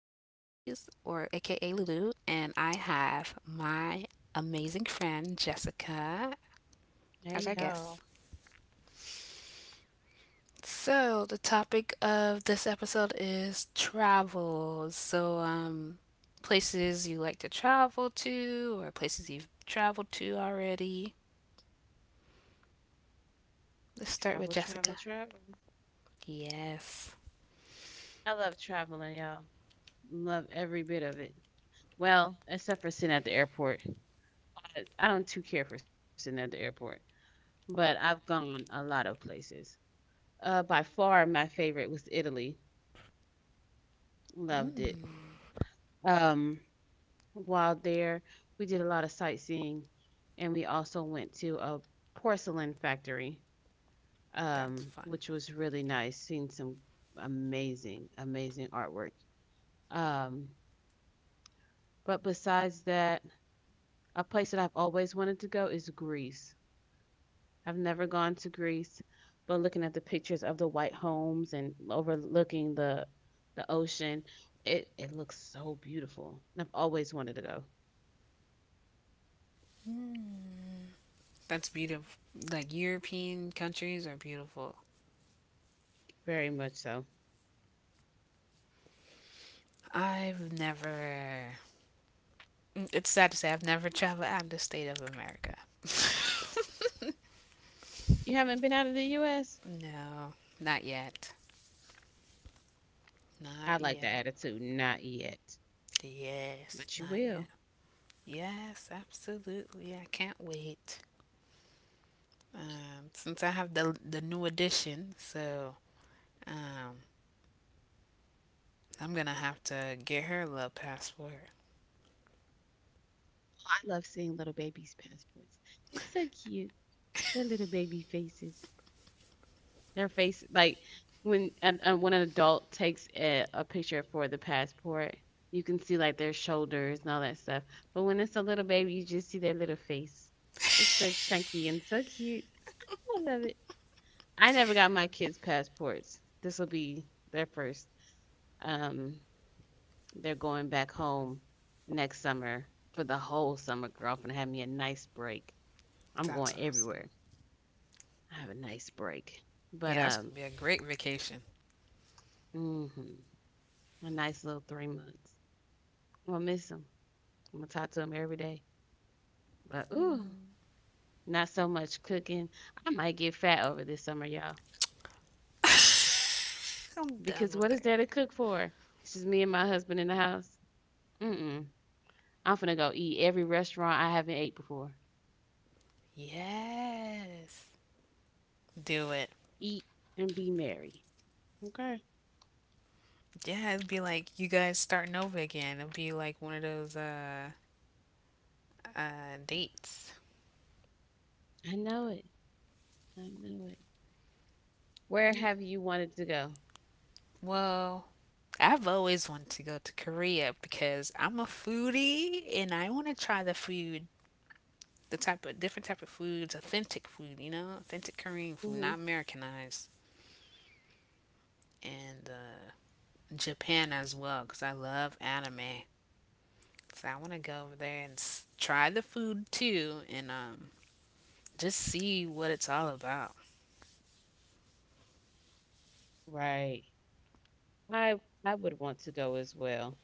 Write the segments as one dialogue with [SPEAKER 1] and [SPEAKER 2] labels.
[SPEAKER 1] Louise, or AKA Lulu, and I have my amazing friend Jessica as our
[SPEAKER 2] Hey y'all,
[SPEAKER 1] guest. So, the topic of this episode is travel. Places you like to travel to, or places you've traveled to already. Let's start with
[SPEAKER 2] travel,
[SPEAKER 1] Jessica.
[SPEAKER 2] travel, travel.
[SPEAKER 1] Yes.
[SPEAKER 2] I love traveling, y'all. Love every bit of it. Well, except for sitting at the airport. I don't too care for sitting at the airport, but I've gone a lot of places. By far, my favorite was Italy. Loved it.
[SPEAKER 1] Mm,
[SPEAKER 2] Um, while there, we did a lot of sightseeing, and we also went to a porcelain factory,
[SPEAKER 1] that's fun.
[SPEAKER 2] which was really nice. Seen some amazing, amazing artwork. Um, But besides that, a place that I've always wanted to go is Greece. I've never gone to Greece, but looking at the pictures of the white homes and overlooking the ocean, it looks so beautiful. And I've always wanted to go,
[SPEAKER 1] That's beautiful. Like, European countries are beautiful.
[SPEAKER 2] very much so.
[SPEAKER 1] I've never. It's sad to say I've never traveled out of the state of America.
[SPEAKER 2] You haven't been out of the US?
[SPEAKER 1] No, not yet.
[SPEAKER 2] I
[SPEAKER 1] Not
[SPEAKER 2] like the
[SPEAKER 1] yet.
[SPEAKER 2] attitude, not yet,
[SPEAKER 1] Yes,
[SPEAKER 2] but you
[SPEAKER 1] not
[SPEAKER 2] will.
[SPEAKER 1] yet. Yes, absolutely. I can't wait. Since I have the new edition, so um, I'm gonna have to get her a little passport.
[SPEAKER 2] I love seeing little babies' passports. It's so cute. Their little baby faces. Their face, like when an adult takes a picture for the passport, you can see like their shoulders and all that stuff. But when it's a little baby, you just see their little face. It's so chunky and so cute. I love it. I never got my kids' passports. This will be their first. Um, they're going back home next summer for the whole summer, girl. I'm gonna have me a nice break. I'm going
[SPEAKER 1] That's
[SPEAKER 2] everywhere.
[SPEAKER 1] awesome.
[SPEAKER 2] I have a nice break, but
[SPEAKER 1] Yeah, that's
[SPEAKER 2] um,
[SPEAKER 1] gonna be a great vacation.
[SPEAKER 2] hmm a nice little 3 months. I'ma miss him. Imma talk to him every day. But ooh, not so much cooking. I might get fat over this summer, y'all.
[SPEAKER 1] I'm done
[SPEAKER 2] Because
[SPEAKER 1] with
[SPEAKER 2] what is
[SPEAKER 1] her.
[SPEAKER 2] there to cook for? It's just me and my husband in the house. Mm-mm. I'm finna go eat every restaurant I haven't ate before.
[SPEAKER 1] Yes, do it.
[SPEAKER 2] Eat and be merry. Okay.
[SPEAKER 1] Yeah, it'd be like you guys starting over again. It'd be like one of those dates.
[SPEAKER 2] I know it. I know it. Where
[SPEAKER 1] Yeah.
[SPEAKER 2] have you wanted to go?
[SPEAKER 1] Well, I've always wanted to go to Korea because I'm a foodie and I want to try the food, the type of different type of foods, authentic food, you know, authentic Korean food,
[SPEAKER 2] Hmm.
[SPEAKER 1] not Americanized, and Japan as well because I love anime. So I want to go over there and try the food too and just see what it's all about.
[SPEAKER 2] Right. I I would want to go as well.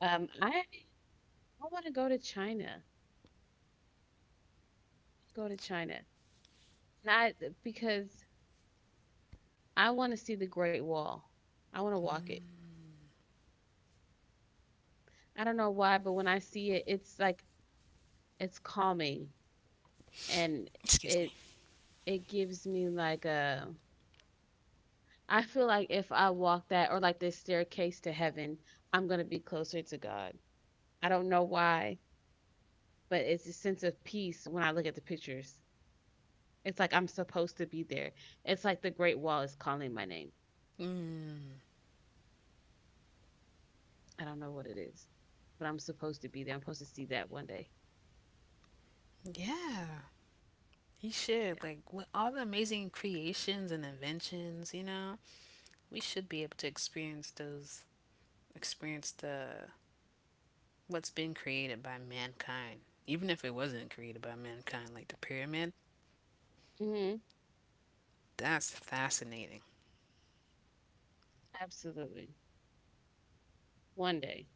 [SPEAKER 2] I want to go to China. Go to China. Not because I want to see the Great Wall. I want to walk it. I don't know why, but when I see it, it's like it's calming, and
[SPEAKER 1] Excuse me.
[SPEAKER 2] it it gives me like a I feel like if I walk that or like this staircase to heaven, I'm going to be closer to God. I don't know why, but it's a sense of peace when I look at the pictures. It's like I'm supposed to be there. It's like the Great Wall is calling my name.
[SPEAKER 1] Mm,
[SPEAKER 2] I don't know what it is, but I'm supposed to be there. I'm supposed to see that one day.
[SPEAKER 1] yeah, he should.
[SPEAKER 2] Yeah.
[SPEAKER 1] Like, with all the amazing creations and inventions, you know, we should be able to experience those, experience the what's been created by mankind. Even if it wasn't created by mankind, like the pyramid,
[SPEAKER 2] Hmm.
[SPEAKER 1] that's fascinating.
[SPEAKER 2] Absolutely. One day,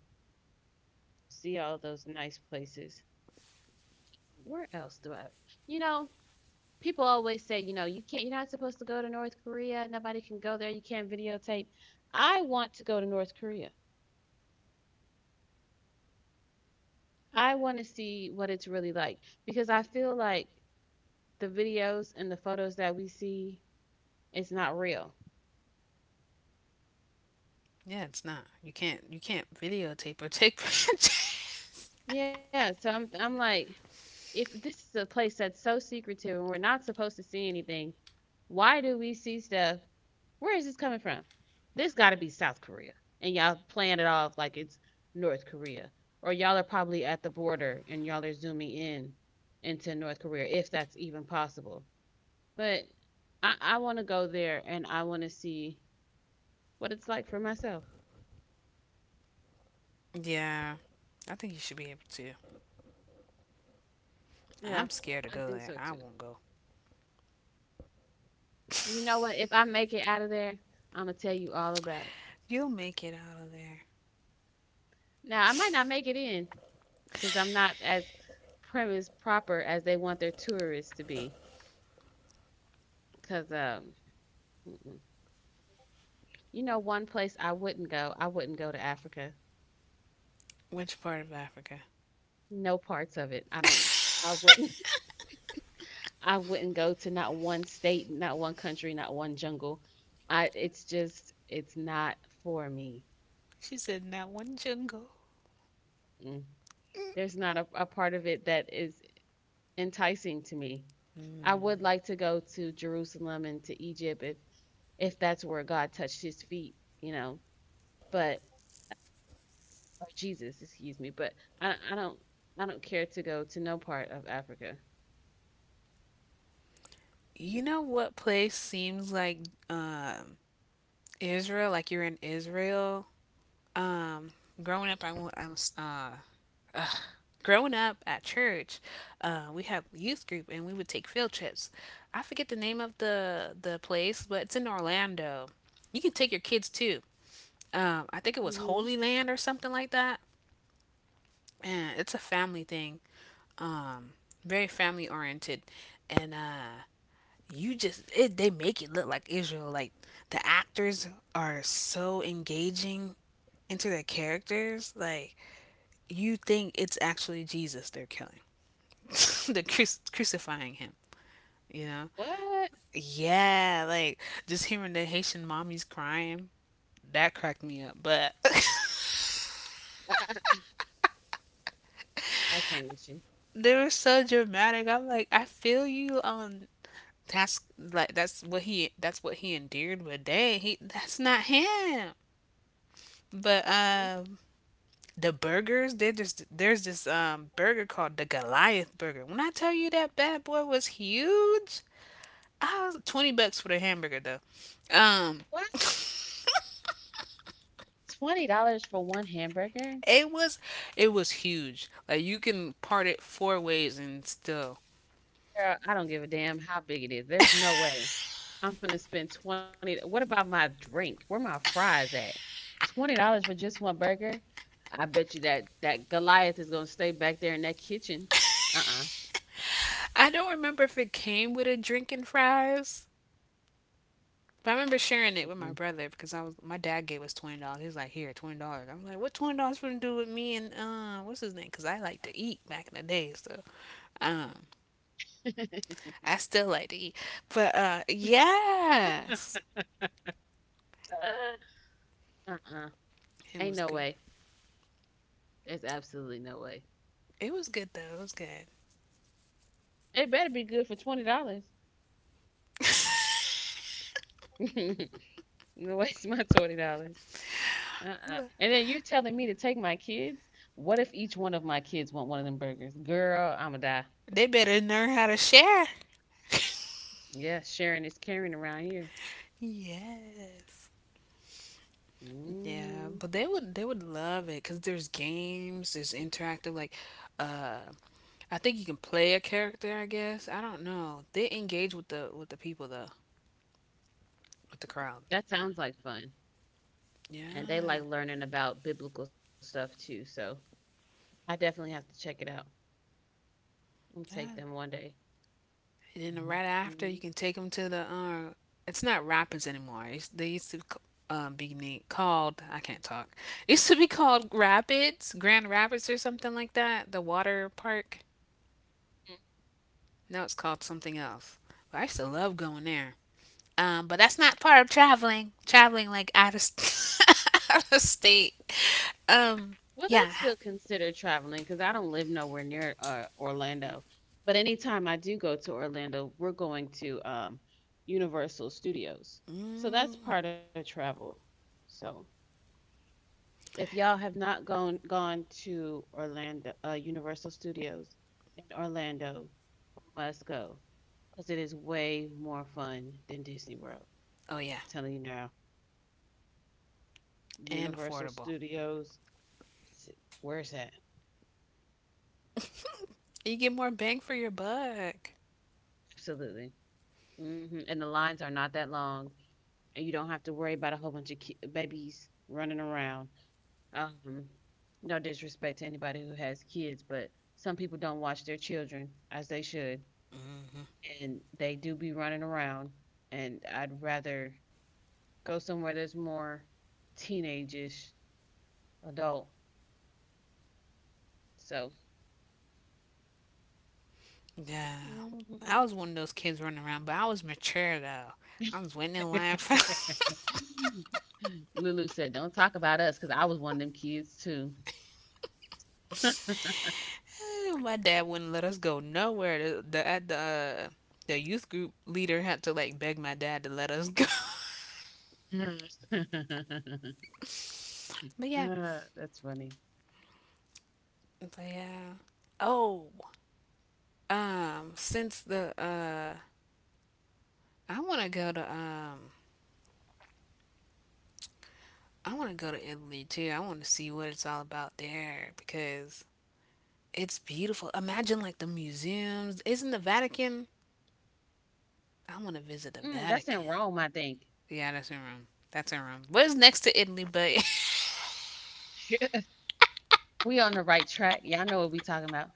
[SPEAKER 2] see all those nice places. Where else do I? You know, people always say, you know, you can't. You're not supposed to go to North Korea. Nobody can go there. You can't videotape. I want to go to North Korea. I want to see what it's really like because I feel like the videos and the photos that we see is not real.
[SPEAKER 1] Yeah, it's not. You can't videotape or take pictures.
[SPEAKER 2] Yeah, so I'm like, if this is a place that's so secretive and we're not supposed to see anything, why do we see stuff? Where is this coming from? This got to be South Korea. And y'all playing it off like it's North Korea. Or y'all are probably at the border and y'all are zooming in into North Korea, if that's even possible. But I want to go there and I want to see what it's like for myself.
[SPEAKER 1] Yeah, I think you should be able to.
[SPEAKER 2] Yeah,
[SPEAKER 1] I'm scared to
[SPEAKER 2] I
[SPEAKER 1] go
[SPEAKER 2] think
[SPEAKER 1] there.
[SPEAKER 2] so
[SPEAKER 1] I
[SPEAKER 2] too.
[SPEAKER 1] won't go.
[SPEAKER 2] You know what? If I make it out of there, I'm going to tell you all about it.
[SPEAKER 1] You'll make it out of there.
[SPEAKER 2] Now, I might not make it in, 'cause I'm not as prim as proper as they want their tourists to be. Cause mm-mm. You know, one place I wouldn't go to Africa.
[SPEAKER 1] Which part of Africa?
[SPEAKER 2] No parts of it. I wouldn't I wouldn't go to not one state, not one country, not one jungle. I it's just it's not for me.
[SPEAKER 1] She said, "Now one jungle."
[SPEAKER 2] Mm. There's not a part of it that is enticing to me. I would
[SPEAKER 1] Mm.
[SPEAKER 2] like to go to Jerusalem and to Egypt if that's where God touched his feet, you know. But or Jesus, excuse me, but I I don't I don't care to go to no part of Africa.
[SPEAKER 1] You know what place seems like um, Israel? Like, you're in Israel. Um, growing up, I was ugh. Growing up at church. We had youth group, and we would take field trips. I forget the name of the place, but it's in Orlando. You can take your kids too. I think it was
[SPEAKER 2] Hmm.
[SPEAKER 1] Holy Land or something like that. And it's a family thing. Um, Very family oriented, and you just they make it look like Israel. Like, the actors are so engaging into their characters. Like, you think it's actually Jesus they're killing. They're crucifying him. You know?
[SPEAKER 2] What?
[SPEAKER 1] Yeah, like, just hearing the Haitian mommies crying, that cracked me up. But
[SPEAKER 2] I I I can't with you.
[SPEAKER 1] they were so dramatic. I'm like, I feel you on that's what he endeared, but dang, he that's not him. But
[SPEAKER 2] Mhm.
[SPEAKER 1] The burgers, they just there's this burger called the Goliath burger. When I tell you that bad boy was huge, I was 20 bucks for the hamburger though. Um,
[SPEAKER 2] What? $20 for one hamburger?
[SPEAKER 1] it was it was huge. Like, you can part it four ways and still.
[SPEAKER 2] Girl, I don't give a damn how big it is. There's no way I'm finna spend 20 What about my drink? Where my fries at? $20 for just one burger? I bet you that that Goliath is gonna stay back there in that kitchen. Uh-uh.
[SPEAKER 1] I don't remember if it came with a drink and fries. But I remember sharing it with my
[SPEAKER 2] Mm-mm.
[SPEAKER 1] brother because I was my dad gave us $20. He was like, "Here, $20." I'm like, "What $20 gonna do with me and what's his name?" Because I like to eat back in the day, so um, I still like to eat. But yes.
[SPEAKER 2] Uh-uh.
[SPEAKER 1] It
[SPEAKER 2] Ain't
[SPEAKER 1] was
[SPEAKER 2] no
[SPEAKER 1] good.
[SPEAKER 2] way. There's absolutely no way.
[SPEAKER 1] It was good though. It was good.
[SPEAKER 2] It better be good for $20. No waste my $20. Uh-uh. And then you're telling me to take my kids? What if each one of my kids want one of them burgers? Girl, I'ma die.
[SPEAKER 1] They better learn how to share.
[SPEAKER 2] Yeah, sharing is caring around here.
[SPEAKER 1] Yes. Yeah,
[SPEAKER 2] Hmm.
[SPEAKER 1] but they would love it cuz there's games, there's interactive, like uh I think you can play a character, I guess. I don't know. They engage with the people though, with the crowd.
[SPEAKER 2] That sounds like fun. And they
[SPEAKER 1] Yeah.
[SPEAKER 2] like learning about biblical stuff too. So I definitely have to check it out and take
[SPEAKER 1] Yeah,
[SPEAKER 2] them one day.
[SPEAKER 1] and then right after
[SPEAKER 2] Mhm.
[SPEAKER 1] you can take them to the it's not Rapids anymore. They used to be called I can't talk. It used to be called Rapids, Grand Rapids or something like that. The water park. Now it's called something else. But I used to love going there. But that's not part of traveling. Traveling like out of out of state. Um,
[SPEAKER 2] Well, that's
[SPEAKER 1] yeah.
[SPEAKER 2] still considered traveling because I don't live nowhere near Orlando. But anytime I do go to Orlando, we're going to Universal Studios. So that's
[SPEAKER 1] Mm,
[SPEAKER 2] part of travel. So if y'all have not gone to Orlando, Universal Studios in Orlando, you must go because it is way more fun than Disney World.
[SPEAKER 1] oh yeah,
[SPEAKER 2] I'm telling you now,
[SPEAKER 1] and
[SPEAKER 2] Universal
[SPEAKER 1] affordable.
[SPEAKER 2] Studios, where's that?
[SPEAKER 1] You get more bang for your buck.
[SPEAKER 2] Absolutely. Hmm. And the lines are not that long, and you don't have to worry about a whole bunch of babies running around. Um, no disrespect to anybody who has kids, but some people don't watch their children as they should, and they do be running around, and I'd rather go somewhere that's more teenage-ish adult. So
[SPEAKER 1] Yeah. I was one of those kids running around, but I was mature though. I was waiting in line for.
[SPEAKER 2] Lulu said, "Don't talk about us cuz I was one of them kids too."
[SPEAKER 1] My dad wouldn't let us go nowhere. The at the youth group leader had to like beg my dad to let us go. But yeah,
[SPEAKER 2] Ah, that's funny.
[SPEAKER 1] but yeah. Oh, since the I want to go to I want to go to Italy too. I want to see what it's all about there because it's beautiful. Imagine like the museums. Isn't the Vatican? I want to visit the
[SPEAKER 2] Mm, that's in
[SPEAKER 1] Vatican.
[SPEAKER 2] Rome, I think.
[SPEAKER 1] Yeah, that's in Rome. That's in Rome. But it's next to Italy, but
[SPEAKER 2] We on the right track. Y'all know what we talking about.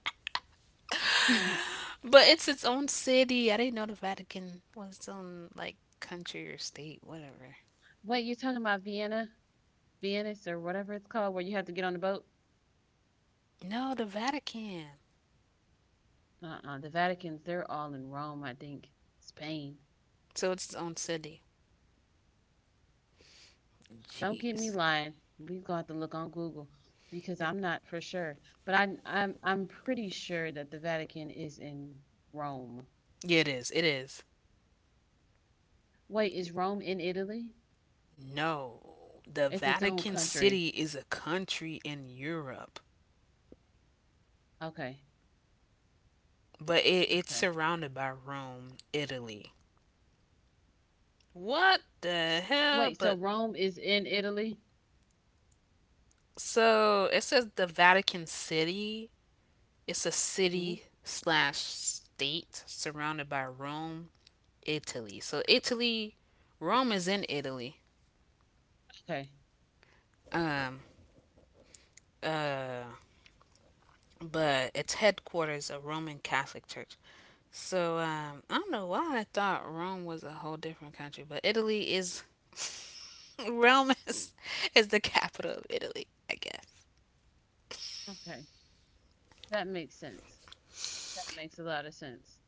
[SPEAKER 1] but it's its own city. I didn't know the Vatican was its own like country or state, whatever.
[SPEAKER 2] Wait, you talking about Vienna? Venice or whatever it's called where you have to get on the boat?
[SPEAKER 1] No, the Vatican.
[SPEAKER 2] Uh-uh. The Vatican's, they're all in Rome, I think. Spain.
[SPEAKER 1] So it's its own city.
[SPEAKER 2] Don't get me
[SPEAKER 1] Jeez.
[SPEAKER 2] lying. We're gonna have to look on Google
[SPEAKER 1] Yeah,
[SPEAKER 2] because I'm not for sure. But I'm pretty sure that the Vatican is in Rome.
[SPEAKER 1] yeah it is. It is.
[SPEAKER 2] Wait, is Rome in Italy?
[SPEAKER 1] No, the
[SPEAKER 2] It's its own
[SPEAKER 1] Vatican
[SPEAKER 2] country.
[SPEAKER 1] City is a country in Europe,
[SPEAKER 2] Okay.
[SPEAKER 1] but it's
[SPEAKER 2] Okay.
[SPEAKER 1] surrounded by Rome, Italy. What
[SPEAKER 2] S-
[SPEAKER 1] the
[SPEAKER 2] Wait, so
[SPEAKER 1] hell? But
[SPEAKER 2] Rome is in Italy?
[SPEAKER 1] so it says the Vatican City, it's a
[SPEAKER 2] Hmm.
[SPEAKER 1] city slash state surrounded by Rome, Italy. So Italy, Rome is in Italy.
[SPEAKER 2] Okay.
[SPEAKER 1] Um, uh, but it's headquarters of Roman Catholic Church. So I don't know why I thought Rome was a whole different country, but Italy is Rome is, is the capital of Italy, I guess.
[SPEAKER 2] Okay. That makes sense. That makes a lot of sense.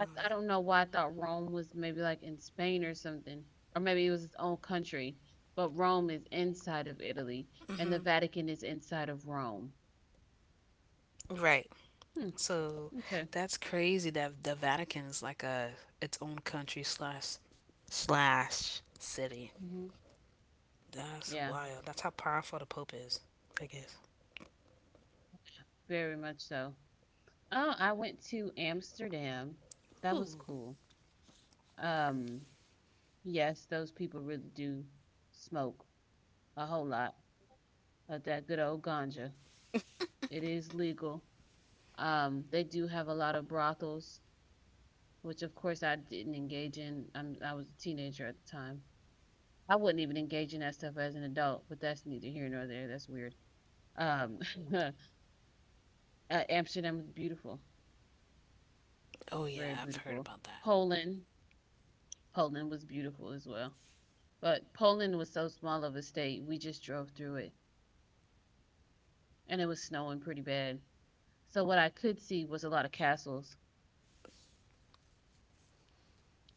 [SPEAKER 2] I don't know why I thought Rome was maybe like in Spain or something, or maybe it was its own country. But Rome is inside of Italy, and the
[SPEAKER 1] Hmm.
[SPEAKER 2] Vatican is inside of Rome.
[SPEAKER 1] Right.
[SPEAKER 2] Hmm.
[SPEAKER 1] So
[SPEAKER 2] Okay.
[SPEAKER 1] that's crazy that the Vatican is like a its own country slash city.
[SPEAKER 2] Hmm.
[SPEAKER 1] That's
[SPEAKER 2] Yeah,
[SPEAKER 1] wild. That's how powerful the Pope is, I guess.
[SPEAKER 2] very much so. Oh, I went to Amsterdam. That was
[SPEAKER 1] Ooh.
[SPEAKER 2] cool. Um, yes, those people really do smoke a whole lot of that good old ganja. It is legal. They do have a lot of brothels which of course I didn't engage in. I was a teenager at the time. I wouldn't even engage in that stuff as an adult, but that's neither here nor there. That's weird. Um, uh, Amsterdam was beautiful,
[SPEAKER 1] Oh
[SPEAKER 2] very
[SPEAKER 1] yeah, I've heard
[SPEAKER 2] beautiful.
[SPEAKER 1] about that.
[SPEAKER 2] Poland, Poland was beautiful as well. But Poland was so small of a state, we just drove through it, and it was snowing pretty bad. So what I could see was a lot of castles.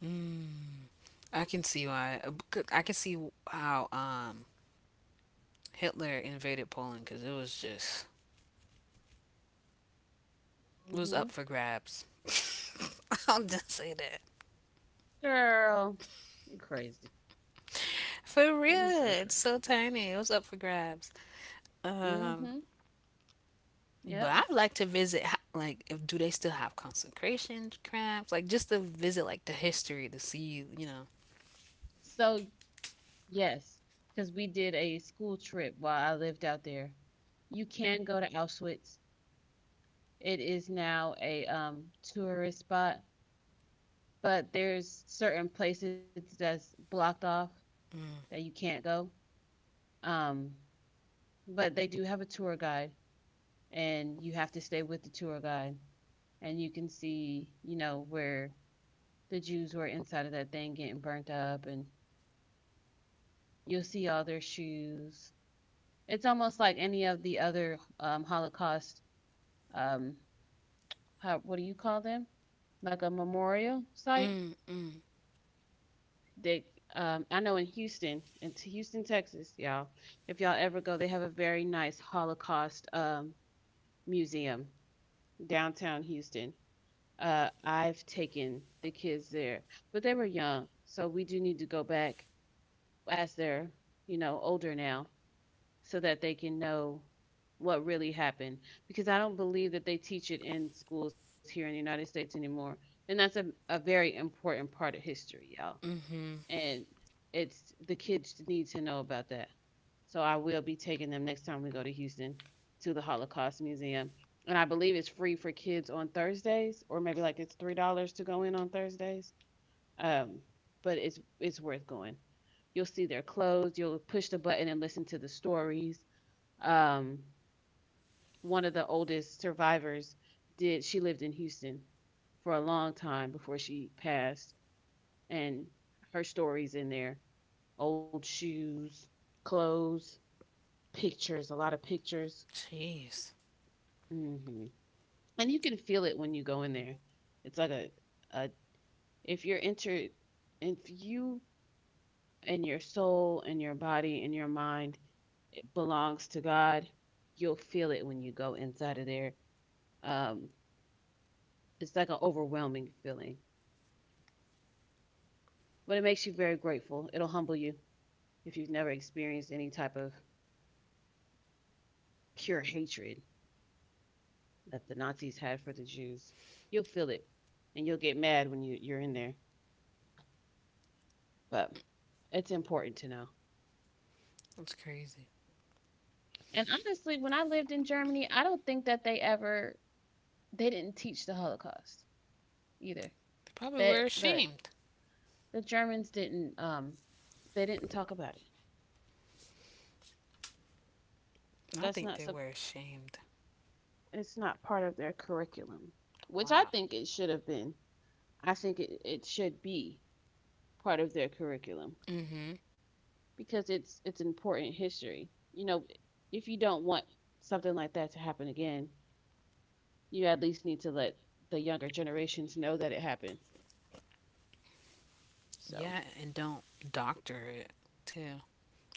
[SPEAKER 1] Mm, I can see why. I can see how Hitler invaded Poland because it was
[SPEAKER 2] Hmm.
[SPEAKER 1] up for grabs. I'll just say that
[SPEAKER 2] Girl, you crazy.
[SPEAKER 1] for
[SPEAKER 2] You're so
[SPEAKER 1] real. It's
[SPEAKER 2] crazy.
[SPEAKER 1] so tiny. It was up for grabs.
[SPEAKER 2] Mm
[SPEAKER 1] Um,
[SPEAKER 2] hmm. Yep.
[SPEAKER 1] but I'd like to visit. Like, if do they still have consecration crafts? Like, just to visit like the history to see, you know.
[SPEAKER 2] So yes, because we did a school trip while I lived out there. You can go to Auschwitz. It is now a tourist spot, but there's certain places that's blocked off that
[SPEAKER 1] Mm,
[SPEAKER 2] you can't go. Um, but they do have a tour guide, and you have to stay with the tour guide, and you can see, you know, where the Jews were inside of that thing getting burnt up, and you'll see all their shoes. It's almost like any of the other Holocaust um how what do you call them, like a memorial site
[SPEAKER 1] mm, mm,
[SPEAKER 2] they I know in Houston in Houston, Texas, y'all, if y'all ever go they have a very nice Holocaust museum downtown Houston. I've taken the kids there, but they were young, so we do need to go back as they're, you know, older now, so that they can know what really happened, because I don't believe that they teach it in schools here in the United States anymore. And that's a very important part of history, y'all.
[SPEAKER 1] mm-hmm.
[SPEAKER 2] And it's the kids need to know about that. So I will be taking them next time we go to Houston to the Holocaust Museum. And I believe it's free for kids on Thursdays, or maybe like it's $3 to go in on Thursdays. Um, but it's worth going. You'll see their clothes. You'll push the button and listen to the stories um, one of the oldest survivors did she lived in Houston for a long time before she passed and her stories in there, old shoes, clothes, pictures, a lot of pictures.
[SPEAKER 1] Jeez,
[SPEAKER 2] Hmm. And you can feel it when you go in there. It's like a if you're entered if you and your soul and your body and your mind belongs to God, you'll feel it when you go inside of there. um It's like an overwhelming feeling, but it makes you very grateful. It'll humble you if you've never experienced any type of pure hatred that the Nazis had for the Jews. You'll feel it and you'll get mad when you're in there, but it's important to know.
[SPEAKER 1] that's crazy.
[SPEAKER 2] And honestly, when I lived in Germany, I don't think that they ever they didn't teach the Holocaust either.
[SPEAKER 1] They probably were
[SPEAKER 2] That
[SPEAKER 1] ashamed.
[SPEAKER 2] the Germans didn't they didn't talk about it.
[SPEAKER 1] I
[SPEAKER 2] That's
[SPEAKER 1] think
[SPEAKER 2] not,
[SPEAKER 1] they
[SPEAKER 2] sup-
[SPEAKER 1] were ashamed.
[SPEAKER 2] It's not part of their curriculum, which I
[SPEAKER 1] Wow.
[SPEAKER 2] think it should have been. I think it should be part of their curriculum,
[SPEAKER 1] Mm-hmm.
[SPEAKER 2] because it's important history. You know, if you don't want something like that to happen again, you at least need to let the younger generations know that it happened. So
[SPEAKER 1] Yeah, and don't doctor it too,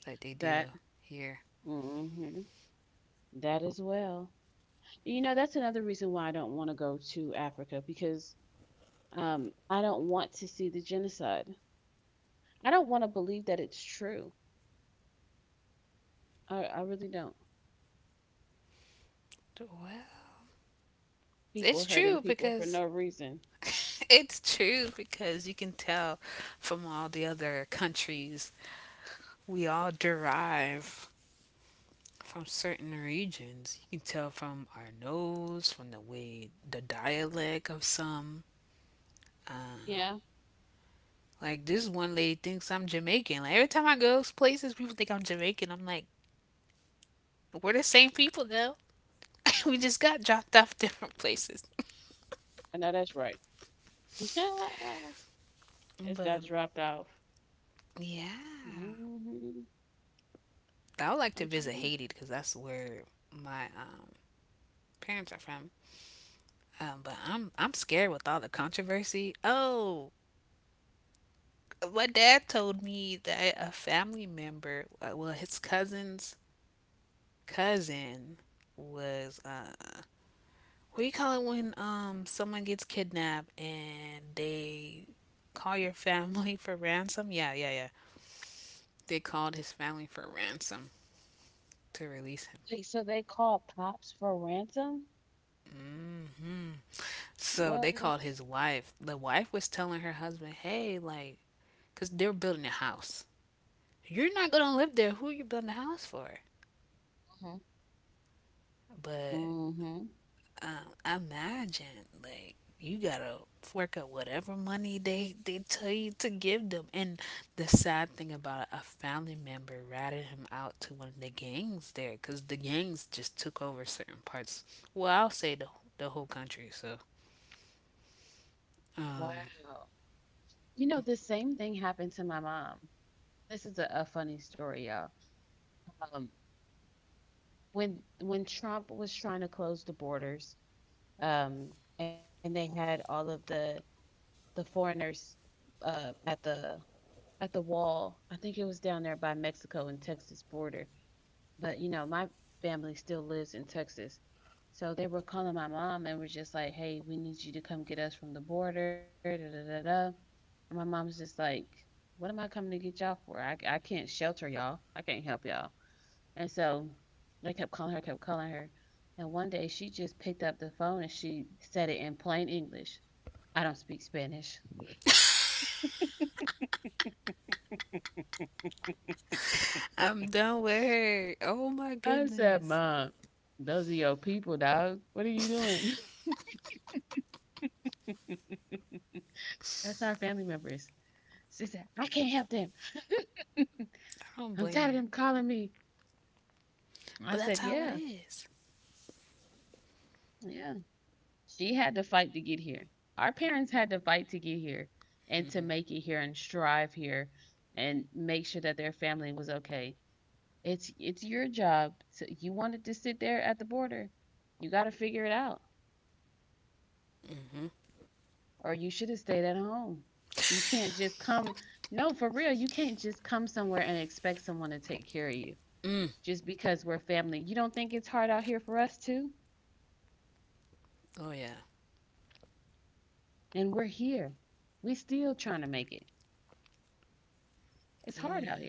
[SPEAKER 1] like they do
[SPEAKER 2] that.
[SPEAKER 1] here.
[SPEAKER 2] Mhm, that as well. You know, that's another reason why I don't want to go to Africa, because I don't want to see the genocide. I don't want to believe that it's true. I really don't.
[SPEAKER 1] Well, it's
[SPEAKER 2] People
[SPEAKER 1] true
[SPEAKER 2] hurting people for
[SPEAKER 1] because
[SPEAKER 2] no reason.
[SPEAKER 1] it's true because you can tell from all the other countries we all derive from certain regions. You can tell from our nose, from the way the dialect of some
[SPEAKER 2] Yeah,
[SPEAKER 1] Like, this one lady thinks I'm Jamaican. Like, every time I go places, people think I'm Jamaican. I'm like, we're the same people though. We just got dropped off different places.
[SPEAKER 2] I know that's right. It's got
[SPEAKER 1] But
[SPEAKER 2] dropped off.
[SPEAKER 1] yeah,
[SPEAKER 2] Hmm.
[SPEAKER 1] I would like to
[SPEAKER 2] I'm
[SPEAKER 1] visit
[SPEAKER 2] trying to.
[SPEAKER 1] Haiti because that's where my parents are from. But I'm scared with all the controversy. Oh, my dad told me that a family member, well, his cousin's cousin was what do you call it when someone gets kidnapped and they call your family for ransom? Yeah, yeah, yeah. They called his family for ransom to release him.
[SPEAKER 2] Wait, so they called Pops for ransom?
[SPEAKER 1] Hmm. So
[SPEAKER 2] What?
[SPEAKER 1] they called his wife. The wife was telling her husband, "Hey, like, they're building a house. You're not gonna live there. Who are you building a house for?"
[SPEAKER 2] Mhm.
[SPEAKER 1] But
[SPEAKER 2] Hmm.
[SPEAKER 1] imagine like you gotta fork out whatever money they tell you to give them, and the sad thing about it, a family member ratted him out to one of the gangs there because the gangs just took over certain parts, well i'll say the, the whole country, so um
[SPEAKER 2] Wow. You know, the same thing happened to my mom. This is a funny story, y'all. Um, when Trump was trying to close the borders, um, and they had all of the foreigners at the wall. I think it was down there by Mexico and Texas border. But, you know, my family still lives in Texas. So they were calling my mom and was just like, "Hey, we need you to come get us from the border." Da da da da. And my mom's just like, "What am I coming to get y'all for? I can't shelter y'all. I can't help y'all." And so I kept calling her, and one day she just picked up the phone and she said it in plain English. I don't speak Spanish.
[SPEAKER 1] I'm done with her. Oh my
[SPEAKER 2] I said,
[SPEAKER 1] goodness.
[SPEAKER 2] "Mom, those are your people, dog. What are you doing? That's our family members." She said, "I can't help them.
[SPEAKER 1] I don't
[SPEAKER 2] I'm
[SPEAKER 1] blame
[SPEAKER 2] tired of
[SPEAKER 1] her.
[SPEAKER 2] them calling me. I
[SPEAKER 1] But that's
[SPEAKER 2] said,
[SPEAKER 1] how it
[SPEAKER 2] Yeah,
[SPEAKER 1] is.
[SPEAKER 2] yeah. She had to fight to get here. Our parents had to fight to get here and to make it here and strive here and make sure that their family was okay. It's your job. To, you wanted to sit there at the border. You got to figure it out
[SPEAKER 1] Mm-hmm.
[SPEAKER 2] or you should have stayed at home. You can't just come no, for real, you can't just come somewhere and expect someone to take care of you
[SPEAKER 1] Mm.
[SPEAKER 2] just because we're family. You don't think it's hard out here for us too?
[SPEAKER 1] Oh yeah.
[SPEAKER 2] And we're here. We still trying to make it. It's hard
[SPEAKER 1] Oh
[SPEAKER 2] out
[SPEAKER 1] yeah.
[SPEAKER 2] here.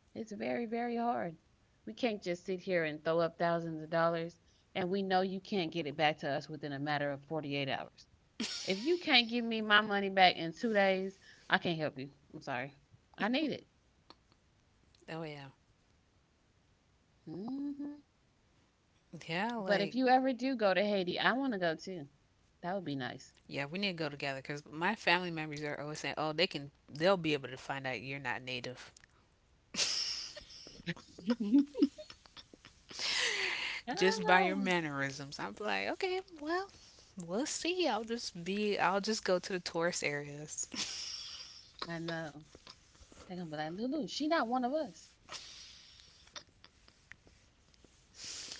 [SPEAKER 2] It's very, very hard. We can't just sit here and throw up thousands of dollars and we know you can't get it back to us within a matter of 48 hours. If you can't give me my money back in 2 days, I can't help you. I'm sorry. I need it.
[SPEAKER 1] Oh yeah.
[SPEAKER 2] Hmm.
[SPEAKER 1] Yeah,
[SPEAKER 2] But if
[SPEAKER 1] like,
[SPEAKER 2] you ever do go to Haiti, I want to go too. That would be nice.
[SPEAKER 1] yeah, we need to go together because my family members are always saying, "Oh, they can, they'll be able to find out you're not native
[SPEAKER 2] Ah,
[SPEAKER 1] just by your
[SPEAKER 2] I
[SPEAKER 1] mannerisms." I'm like, okay, well, we'll see. I'll just go to the tourist areas,
[SPEAKER 2] know. They're going to be like, Lulu, she not one of us.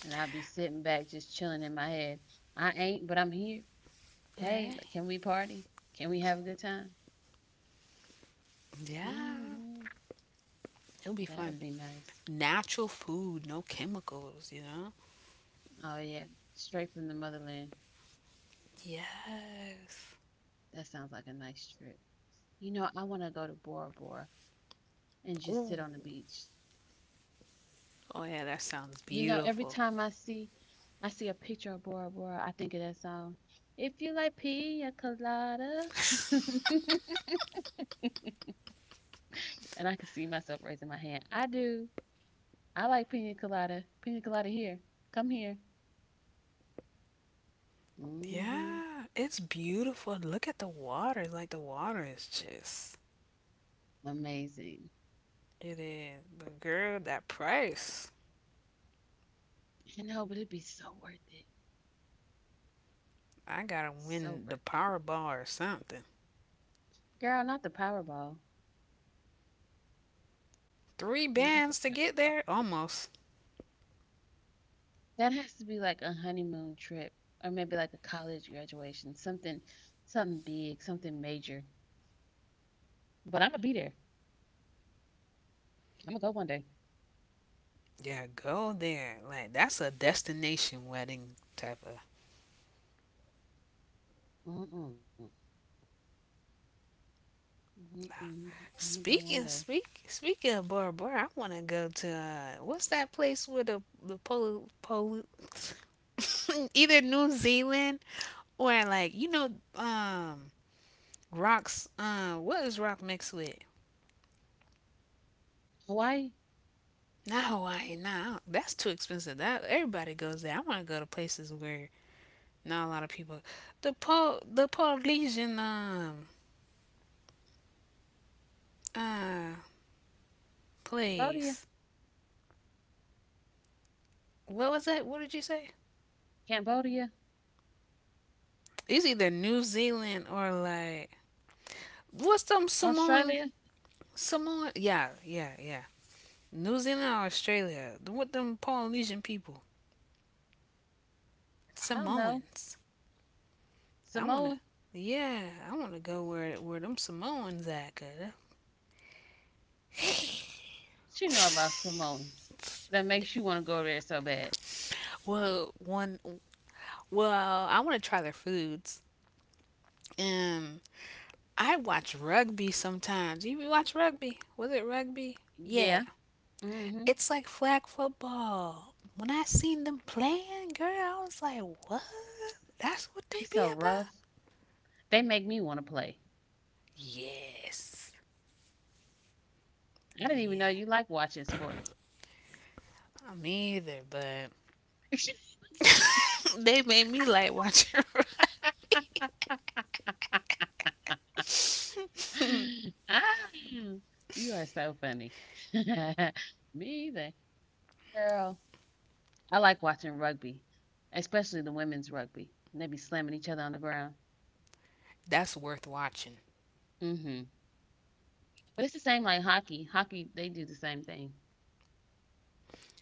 [SPEAKER 2] And I'll be sitting back just chilling in my head. I ain't, but I'm here. Hey,
[SPEAKER 1] right?
[SPEAKER 2] can we party? Can we have a good time?
[SPEAKER 1] Yeah,
[SPEAKER 2] Hmm.
[SPEAKER 1] it'll be
[SPEAKER 2] That'll
[SPEAKER 1] fun.
[SPEAKER 2] be nice.
[SPEAKER 1] Natural food, no chemicals, you know.
[SPEAKER 2] Oh, yeah. Straight from the motherland.
[SPEAKER 1] Yes.
[SPEAKER 2] That sounds like a nice trip. You know, I want to go to Bora Bora and just
[SPEAKER 1] Ooh.
[SPEAKER 2] sit on the beach.
[SPEAKER 1] Oh yeah, that sounds
[SPEAKER 2] You know, every
[SPEAKER 1] beautiful.
[SPEAKER 2] time I see a picture of Bora Bora, I think of that song. If you like pina colada, and I can see myself raising my hand. I do. I like pina colada. Pina colada here. Come here. Mhm.
[SPEAKER 1] Yeah, it's beautiful. Look at the water. Like, the water is just
[SPEAKER 2] Amazing.
[SPEAKER 1] it is. But girl, that price.
[SPEAKER 2] I know, but it'd be so worth it.
[SPEAKER 1] I gotta
[SPEAKER 2] So
[SPEAKER 1] win the
[SPEAKER 2] worth it.
[SPEAKER 1] Powerball or something.
[SPEAKER 2] Girl, not the Powerball.
[SPEAKER 1] Three
[SPEAKER 2] Not the
[SPEAKER 1] bands to get
[SPEAKER 2] Powerball.
[SPEAKER 1] there? Almost.
[SPEAKER 2] That has to be like a honeymoon trip or maybe like a college graduation, something something big, something major. But I'm gonna be there. I'm gonna go one day.
[SPEAKER 1] Yeah, go there. Like, that's a destination wedding type of
[SPEAKER 2] Mm-mm. Mm-mm. I'm gonna go one day.
[SPEAKER 1] Speaking of Bora Bora, I want to go to what's that place where the polo, either New Zealand or like you know um rocks. What is rock mixed with?
[SPEAKER 2] Hawaii,
[SPEAKER 1] Not Hawaii. Nah, that's too expensive. That everybody goes there. I want to go to places where not a lot of people. The Polynesian uh
[SPEAKER 2] Cambodia,
[SPEAKER 1] place. What was that? What did you say?
[SPEAKER 2] Cambodia,
[SPEAKER 1] It's either New Zealand or like what's them Samoan
[SPEAKER 2] Australia.
[SPEAKER 1] Samoan? Yeah, yeah, yeah. New Zealand or Australia? The what them Polynesian people?
[SPEAKER 2] I don't know.
[SPEAKER 1] Samoans. I wanna.
[SPEAKER 2] Samoa.
[SPEAKER 1] Yeah, I want to go where them Samoans at. 'Cause
[SPEAKER 2] What you, what you know about Samoans that makes you want to go there so bad?
[SPEAKER 1] Well, one Well, I want to try their foods. Um, I watch rugby sometimes. You watch rugby? Was it rugby? Yeah.
[SPEAKER 2] Yeah, Mhm.
[SPEAKER 1] It's like flag football. When I seen them playing, girl, I was like, what? That's what
[SPEAKER 2] They
[SPEAKER 1] they be
[SPEAKER 2] so rough.
[SPEAKER 1] about?
[SPEAKER 2] They make me wanna play.
[SPEAKER 1] Yes.
[SPEAKER 2] I didn't even know
[SPEAKER 1] Yeah.
[SPEAKER 2] you like watching sports.
[SPEAKER 1] I'm either, but they made me like watching rugby.
[SPEAKER 2] Ah, you are so funny. Me either. Girl, I like watching rugby, especially the women's rugby. They be slamming each other on the ground.
[SPEAKER 1] That's worth watching.
[SPEAKER 2] Hmm. But it's the same like hockey. Hockey, they do the same thing.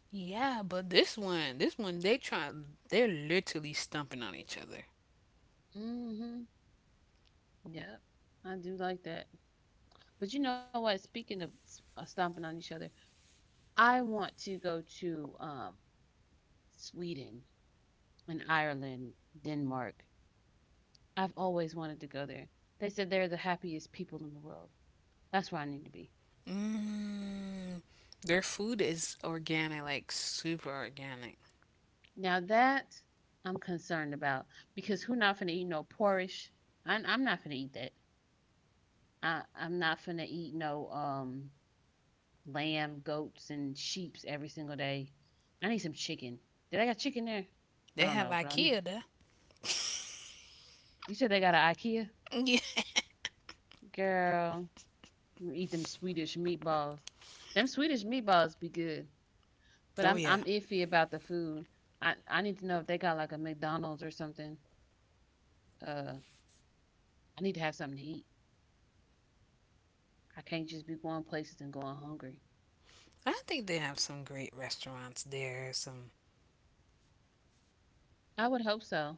[SPEAKER 1] Yeah, but this one, they're literally stumping on each other.
[SPEAKER 2] Hmm. Yep. I do like that. But you know what? Speaking of stomping on each other, I want to go to Sweden, in Ireland, Denmark. I've always wanted to go there. They said they're the happiest people in the world. That's where I need to be.
[SPEAKER 1] Mm, their food is organic, like super organic.
[SPEAKER 2] Now that I'm concerned about, because who not finna eat no porridge? I'm not finna eat that. I'm not finna eat no lamb, goats, and sheeps every single day. I need some chicken. Did I got chicken there? I
[SPEAKER 1] They
[SPEAKER 2] don't
[SPEAKER 1] have
[SPEAKER 2] know, but I need.
[SPEAKER 1] IKEA there.
[SPEAKER 2] You said they got an IKEA,
[SPEAKER 1] Yeah.
[SPEAKER 2] girl. Eat them Swedish meatballs. Them Swedish meatballs be good. But
[SPEAKER 1] Oh
[SPEAKER 2] I'm
[SPEAKER 1] yeah.
[SPEAKER 2] I'm iffy about the food. I need to know if they got like a McDonald's or something. Uh, I need to have something to eat. I can't just be going places and going hungry.
[SPEAKER 1] I think they have some great restaurants there, some.
[SPEAKER 2] I would hope so,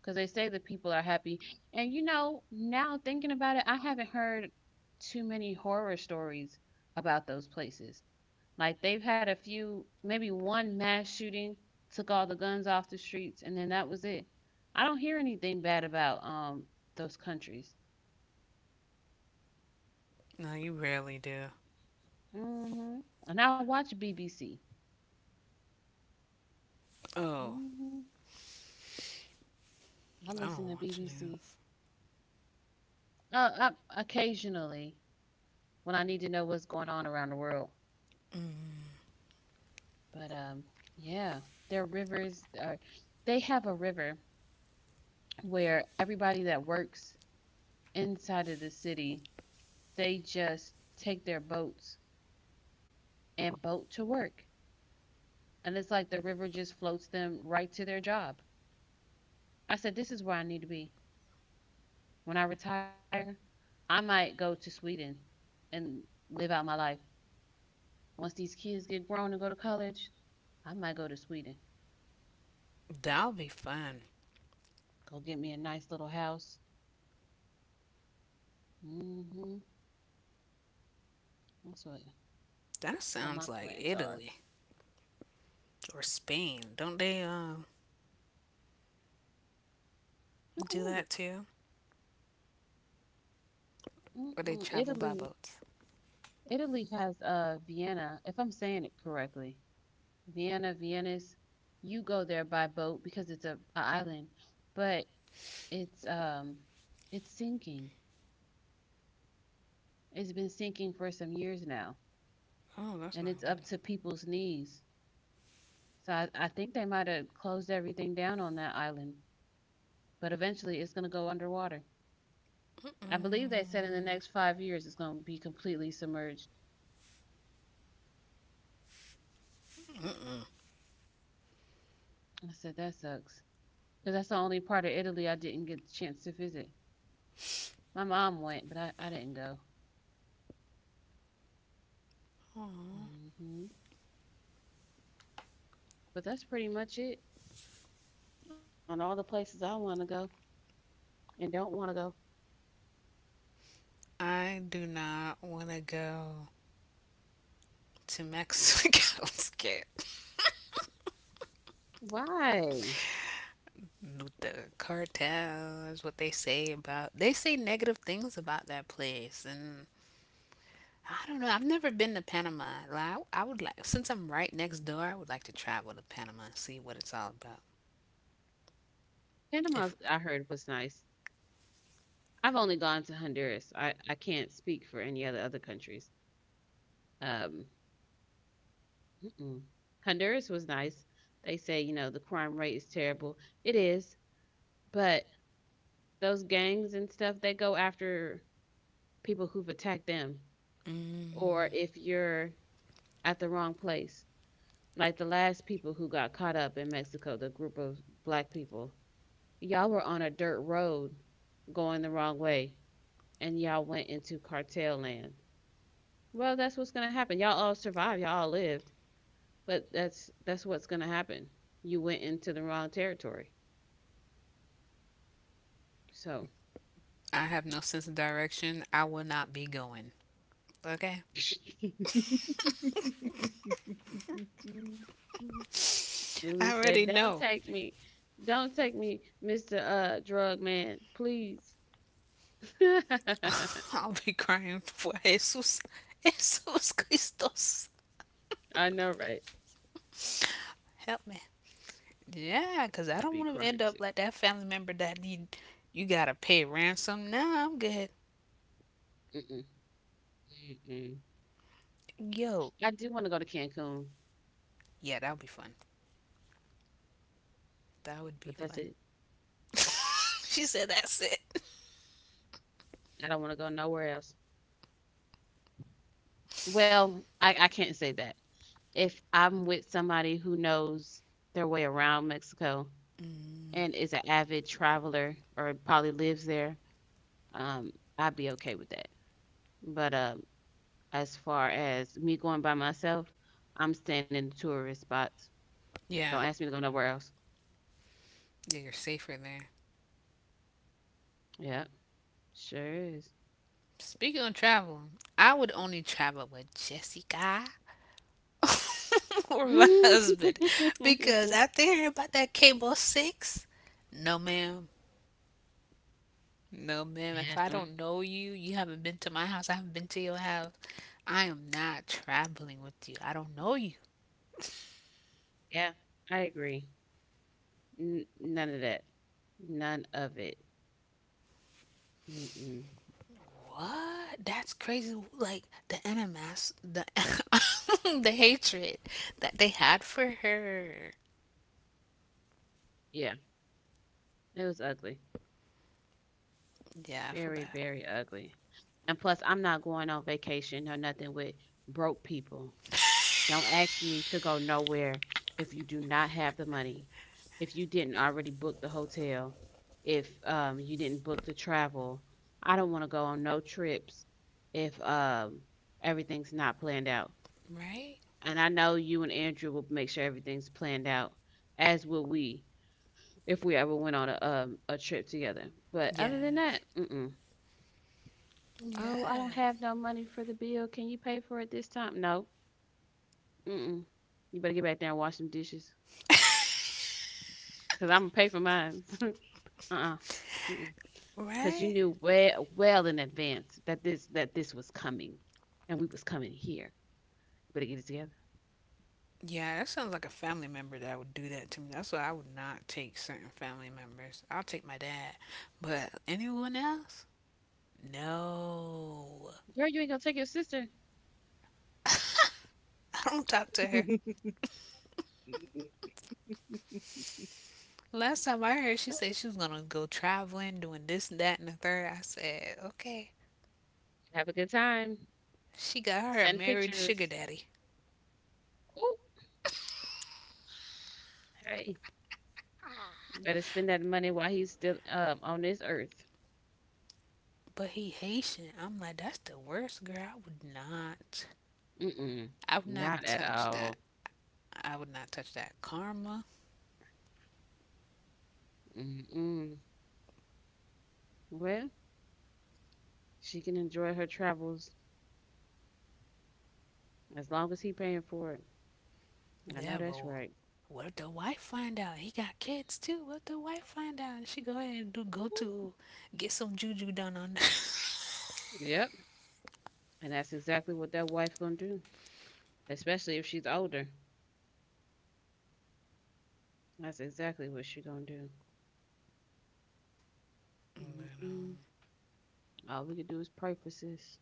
[SPEAKER 2] because they say the people are happy. And you know, now thinking about it, I haven't heard too many horror stories about those places. Like they've had a few, maybe one mass shooting took all the guns off the streets, and then that was it. I don't hear anything bad about those countries.
[SPEAKER 1] No, you rarely do.
[SPEAKER 2] Hmm. And I watch BBC.
[SPEAKER 1] Oh,
[SPEAKER 2] Hmm. I
[SPEAKER 1] I
[SPEAKER 2] listen
[SPEAKER 1] don't
[SPEAKER 2] to
[SPEAKER 1] watch
[SPEAKER 2] BBC,
[SPEAKER 1] news.
[SPEAKER 2] uh, I, occasionally when I need to know what's going on around the world.
[SPEAKER 1] Mm,
[SPEAKER 2] But yeah, their rivers are. They have a river where everybody that works inside of the city, they just take their boats and boat to work, and it's like the river just floats them right to their job. I said, this is where I need to be. When I retire, I might go to Sweden and live out my life. Once these kids get grown and go to college, I might go to Sweden.
[SPEAKER 1] that'll be fun.
[SPEAKER 2] Go get me a nice little house. Hmm. That's
[SPEAKER 1] That
[SPEAKER 2] what
[SPEAKER 1] sounds
[SPEAKER 2] my
[SPEAKER 1] like
[SPEAKER 2] plans are.
[SPEAKER 1] Italy or Spain. Don't they do
[SPEAKER 2] Mm-mm,
[SPEAKER 1] that too? Or they
[SPEAKER 2] mm-mm.
[SPEAKER 1] travel by
[SPEAKER 2] Italy,
[SPEAKER 1] boats?
[SPEAKER 2] Italy has Vienna, if I'm saying it correctly. Vienna, Venice. You go there by boat because it's a island, but it's um it's sinking. It's been sinking for some years now.
[SPEAKER 1] Oh, that's
[SPEAKER 2] And
[SPEAKER 1] not
[SPEAKER 2] it's up to people's knees. So I think they might have closed everything down on that island, but eventually it's going to go underwater.
[SPEAKER 1] good.
[SPEAKER 2] I believe they
[SPEAKER 1] Mm-mm.
[SPEAKER 2] said in the next 5 years it's going to be completely submerged.
[SPEAKER 1] Mm-mm.
[SPEAKER 2] I said, that sucks. Because that's the only part of Italy I didn't get the chance to visit. My mom went, but I didn't go.
[SPEAKER 1] Aw.
[SPEAKER 2] Hmm. But that's pretty much it on all the places I want to go and don't want to go.
[SPEAKER 1] I do not want to go to Mexico's with
[SPEAKER 2] Why?
[SPEAKER 1] the cartel is what they say about, they say negative things about that place. And I don't know. I've never been to Panama. Like, I would like, since I'm right next door. I would like to travel to Panama and see what it's all about.
[SPEAKER 2] Panama,
[SPEAKER 1] If
[SPEAKER 2] I heard, was nice. I've only gone to Honduras. I can't speak for any other other countries. Um, mm-mm. Honduras was nice. They say, you know, the crime rate is terrible. It is, but those gangs and stuff, they go after people who've attacked them or
[SPEAKER 1] mm,
[SPEAKER 2] if you're at the wrong place. Like the last people who got caught up in Mexico, the group of black people, y'all were on a dirt road going the wrong way and y'all went into cartel land. Well, that's what's going to happen. Y'all all survived, y'all all lived, but that's what's gonna happen. You went into the wrong territory. So
[SPEAKER 1] I have no sense of direction, I will not be going. Okay,
[SPEAKER 2] Lulu
[SPEAKER 1] I
[SPEAKER 2] said,
[SPEAKER 1] already
[SPEAKER 2] Don't
[SPEAKER 1] know.
[SPEAKER 2] take me. Don't take me, Mr. Drug man, please.
[SPEAKER 1] I'll be crying for Jesus, Jesus Christos.
[SPEAKER 2] I know, right?
[SPEAKER 1] Help me. Yeah,
[SPEAKER 2] I'd
[SPEAKER 1] because
[SPEAKER 2] be
[SPEAKER 1] I don't
[SPEAKER 2] crying
[SPEAKER 1] want to
[SPEAKER 2] too.
[SPEAKER 1] end up like that family member that need you gotta pay ransom. Nah, I'm good.
[SPEAKER 2] Mm-mm. Mm-mm.
[SPEAKER 1] Yo,
[SPEAKER 2] I do want to go to Cancun,
[SPEAKER 1] yeah, that would be fun. That would be
[SPEAKER 2] but that's
[SPEAKER 1] fun.
[SPEAKER 2] it.
[SPEAKER 1] She said that's it.
[SPEAKER 2] I don't want to go nowhere else. Well, I can't say that. If I'm with somebody who knows their way around Mexico,
[SPEAKER 1] Mm,
[SPEAKER 2] and is an avid traveler or probably lives there, um, I'd be okay with that. But as far as me going by myself, I'm staying in the tourist spots.
[SPEAKER 1] yeah,
[SPEAKER 2] Don't ask me to go nowhere else.
[SPEAKER 1] yeah, you're safer there.
[SPEAKER 2] Yeah, sure is.
[SPEAKER 1] Speaking of travel, I would only travel with Jessica or my
[SPEAKER 2] Yeah,
[SPEAKER 1] husband because after hearing about that cable six, no ma'am, no, ma'am. If I
[SPEAKER 2] mm,
[SPEAKER 1] don't know you, you haven't been to my house, I haven't been to your house. I am not traveling with you. I don't know you.
[SPEAKER 2] yeah, I agree. N- none of that. None of it. Mm-mm.
[SPEAKER 1] What? That's crazy. Like the animas, the the hatred that they had for her.
[SPEAKER 2] Yeah, it was ugly.
[SPEAKER 1] Yeah, I feel
[SPEAKER 2] Very,
[SPEAKER 1] bad.
[SPEAKER 2] very ugly. And plus, I'm not going on vacation or nothing with broke people. Don't ask me to go nowhere if you do not have the money, if you didn't already book the hotel, if you didn't book the travel. I don't want to go on no trips if everything's not planned out.
[SPEAKER 1] Right?
[SPEAKER 2] And I know you and Andrew will make sure everything's planned out, as will we if we ever went on a trip together. But other than
[SPEAKER 1] Yes.
[SPEAKER 2] that, mm-mm. Oh, I don't have
[SPEAKER 1] Yes.
[SPEAKER 2] no money for the bill. Can you pay for it this time? No. Mm-mm. You better get back there and wash some dishes. 'Cause Imma pay for mine. Uh-uh. Mm-mm. 'Cause you
[SPEAKER 1] Right?
[SPEAKER 2] knew well in advance that this was coming, and we was coming here. You better get it together.
[SPEAKER 1] Yeah, that sounds like a family member that would do that to me. That's why I would not take certain family members. I'll take my dad, but anyone else? No.
[SPEAKER 2] Girl, you ain't gonna take your sister.
[SPEAKER 1] I don't talk to her. Last time I heard, she said she was gonna go traveling, doing this and that and the third. I said, okay.
[SPEAKER 2] Have a good time.
[SPEAKER 1] She got her a
[SPEAKER 2] Send
[SPEAKER 1] married sugar
[SPEAKER 2] pictures.
[SPEAKER 1] daddy,
[SPEAKER 2] Ooh, hey, you better spend that money while he's still on this earth.
[SPEAKER 1] but he Haitian. I'm like, that's the worst, girl. I would not.
[SPEAKER 2] Mm-mm.
[SPEAKER 1] I would not
[SPEAKER 2] Not at
[SPEAKER 1] touch that.
[SPEAKER 2] all.
[SPEAKER 1] I would not touch that karma.
[SPEAKER 2] Mm-mm. Well, she can enjoy her travels as long as he paying for it. I know
[SPEAKER 1] Yeah,
[SPEAKER 2] that's
[SPEAKER 1] boy.
[SPEAKER 2] right.
[SPEAKER 1] What if the wife find out? He got kids too. What if the wife find out? And she go ahead and do go to get some juju done on that.
[SPEAKER 2] Yep. And that's exactly what that wife gonna do, especially if she's older. That's exactly what she gonna do.
[SPEAKER 1] But,
[SPEAKER 2] Mm-mm.
[SPEAKER 1] um,
[SPEAKER 2] All we can do is pray for sis,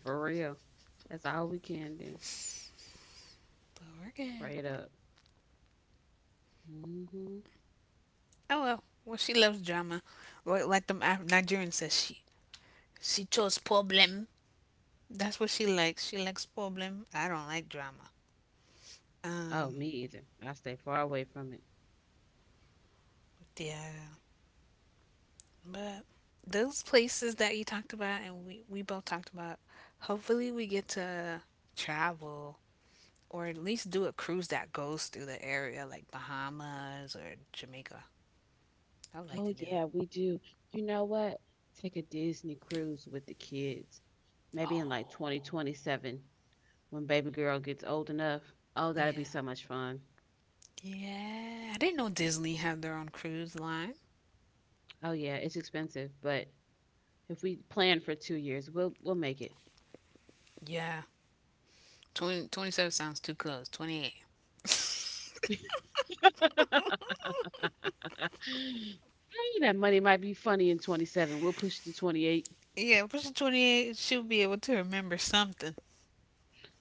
[SPEAKER 2] for real. That's all we can do.
[SPEAKER 1] but we're good.
[SPEAKER 2] Pray it up. Hmm.
[SPEAKER 1] Oh well, well she loves drama. Well, like the Nigerian says, she chose problem. That's what she likes. She likes problem. I don't like drama.
[SPEAKER 2] Oh,
[SPEAKER 1] Um,
[SPEAKER 2] me either. I stay far away from it.
[SPEAKER 1] yeah, but those places that you talked about and we both talked about, hopefully we get to travel or at least do a cruise that goes through the area like Bahamas or Jamaica. I would like
[SPEAKER 2] Oh
[SPEAKER 1] to do that.
[SPEAKER 2] yeah, we do. You know what? Take a Disney cruise with the kids. Maybe in like
[SPEAKER 1] Oh
[SPEAKER 2] 2027, when baby girl gets old enough. Oh, that'd be
[SPEAKER 1] yeah,
[SPEAKER 2] so much fun.
[SPEAKER 1] yeah. I didn't know Disney had their own cruise line.
[SPEAKER 2] Oh yeah, it's expensive, but if we plan for 2 years, we'll make it.
[SPEAKER 1] Yeah, 2027 sounds too close. '28.
[SPEAKER 2] Hey, that money might be funny in 27. We'll push it to 28.
[SPEAKER 1] Yeah, pushing '28. She'll be able to remember something.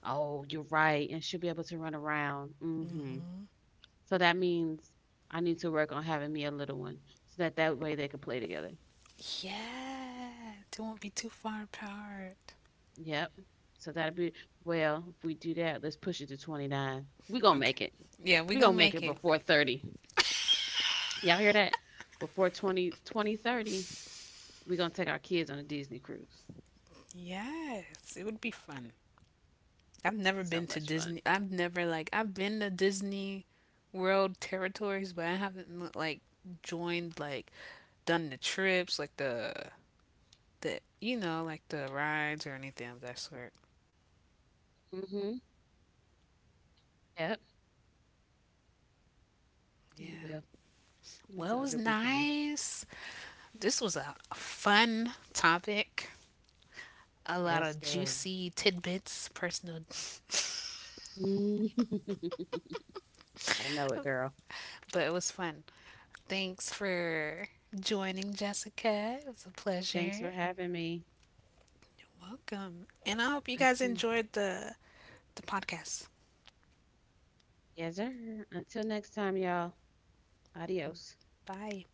[SPEAKER 2] Oh, you're right. And she'll be able to run around. Hmm. So that means I need to work on having me a little one so that that way they can play together.
[SPEAKER 1] Yeah. It won't be too far apart.
[SPEAKER 2] Yep. So that'll be, well, if we do that, let's push it to 29. We're going to
[SPEAKER 1] Okay.
[SPEAKER 2] make it.
[SPEAKER 1] Yeah, we
[SPEAKER 2] We're going
[SPEAKER 1] gonna
[SPEAKER 2] to make
[SPEAKER 1] make
[SPEAKER 2] it
[SPEAKER 1] it.
[SPEAKER 2] before 30. Y'all hear that? Before 20 2030, we're going to take our kids on a Disney cruise.
[SPEAKER 1] Yes. It would be fun. I've never
[SPEAKER 2] So
[SPEAKER 1] been to
[SPEAKER 2] much fun.
[SPEAKER 1] Disney. I've never, like, I've been to Disney World territories, but I haven't, like, joined, like, done the trips, like the, you know, like the rides or anything of that sort.
[SPEAKER 2] Mm-hmm. Yep, you will.
[SPEAKER 1] Yeah.
[SPEAKER 2] It's,
[SPEAKER 1] Well, it
[SPEAKER 2] it'll
[SPEAKER 1] was
[SPEAKER 2] be fun.
[SPEAKER 1] nice. This was a fun topic. A lot
[SPEAKER 2] Yes,
[SPEAKER 1] of
[SPEAKER 2] girl.
[SPEAKER 1] juicy tidbits, personal,
[SPEAKER 2] Mm. I know it, girl.
[SPEAKER 1] but it was fun. Thanks for joining, Jessica. It was a
[SPEAKER 2] Thanks for
[SPEAKER 1] pleasure.
[SPEAKER 2] having me.
[SPEAKER 1] Welcome. And I hope you guys
[SPEAKER 2] Until
[SPEAKER 1] enjoyed the podcast.
[SPEAKER 2] yes, sir. Until next time, y'all. Adios.
[SPEAKER 1] Bye.